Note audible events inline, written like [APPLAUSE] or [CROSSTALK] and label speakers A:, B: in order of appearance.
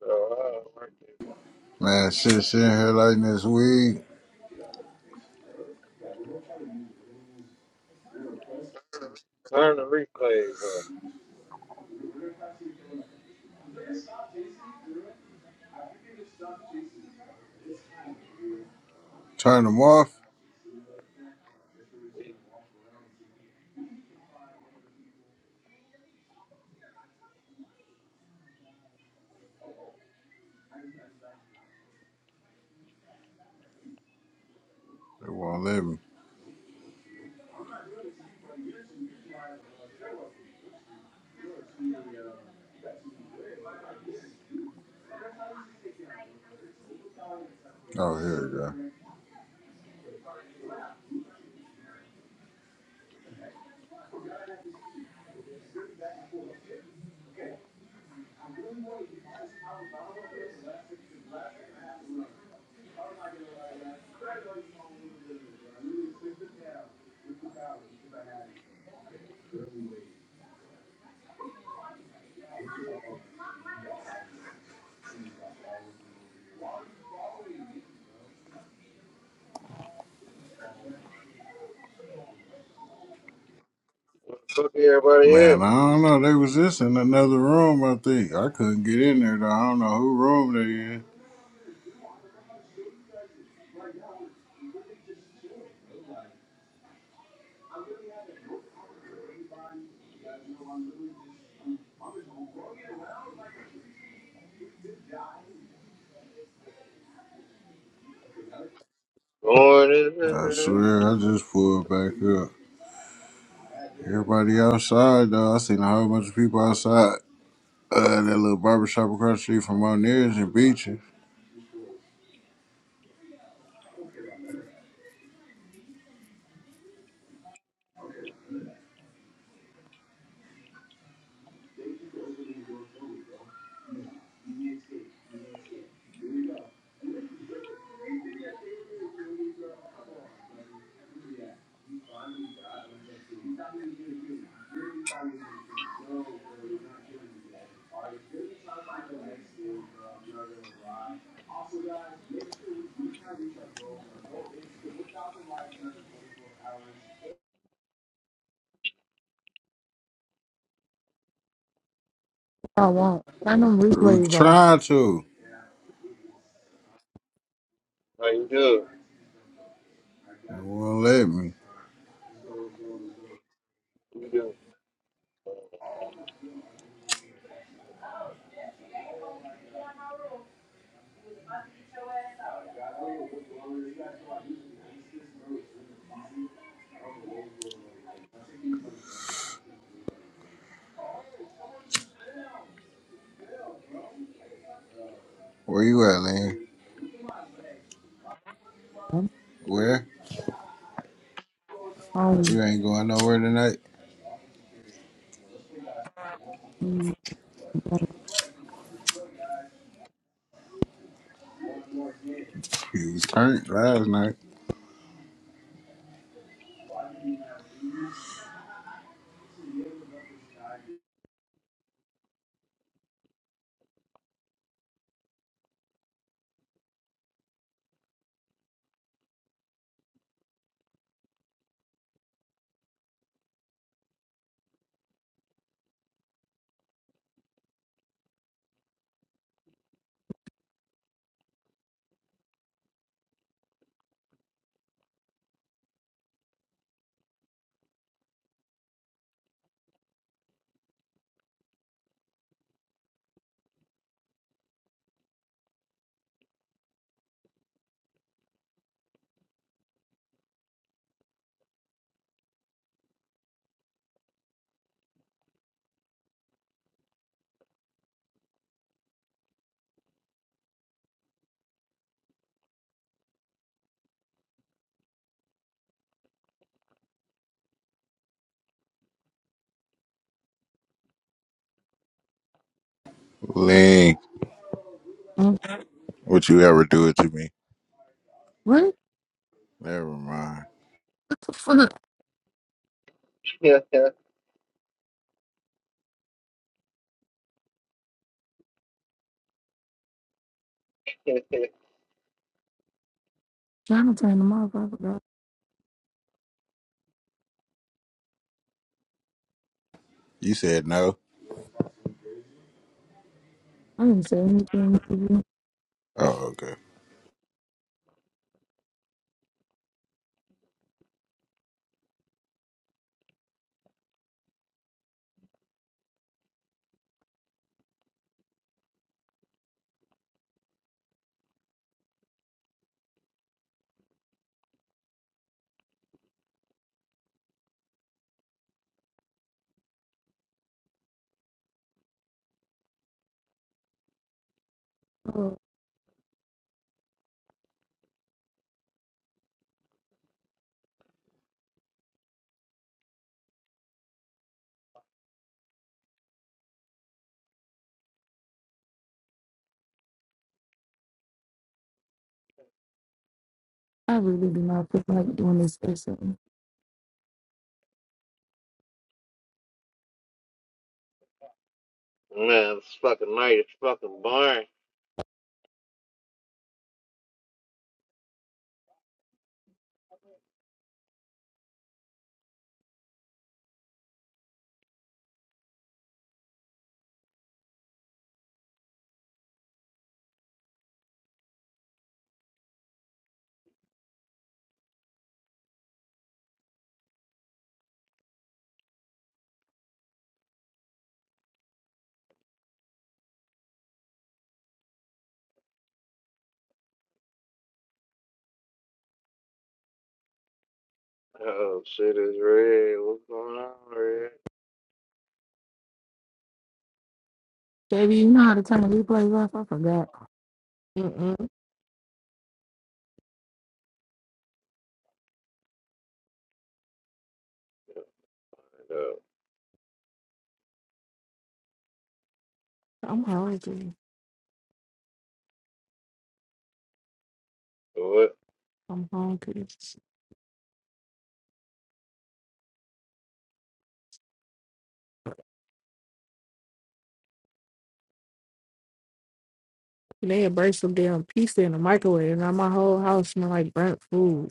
A: So uh, I like to
B: Man, shit, shit in here lighting this weed.
A: turn the replays off.
B: Turn them off. They won't let me. Oh, here we
A: What the fuck
B: go.
A: everybody
B: Man,
A: at?
B: I don't know. They was just in another room, I think. I couldn't get in there, though. I don't know who room they in.
A: Going in
B: I
A: there.
B: swear, I just pulled back up. Everybody outside, though. I seen a whole bunch of people outside. Uh, that little barber shop across the street from O'Neill's and Beaches.
C: I won't. Turn them
B: We
C: replays off.
B: tried to.
A: How you doing?
B: They won't let me.
A: You doing?
B: Where you at, Lynn? Where?
C: Um,
B: You ain't going nowhere tonight.
C: mm,
B: You was turned last night. Link,
C: mm.
B: would you ever do it to me?
C: what
B: Never mind.
C: the fuck?
A: [LAUGHS] Man,
C: Trying to turn them off. I forgot.
B: You said no.
C: I didn't say anything to you.
B: Oh, okay.
C: Oh, I really do not feel like doing this Or something.
A: it's fucking night. It's fucking barn. Oh, shit is red. What's going on, red?
C: Baby, you know how to turn the replays off? I forgot.
D: Mm-mm.
A: Uh,
D: I'm hungry.
A: what?
D: I'm hungry. They had burnt some damn pizza in the microwave, and now my whole house smell like burnt food.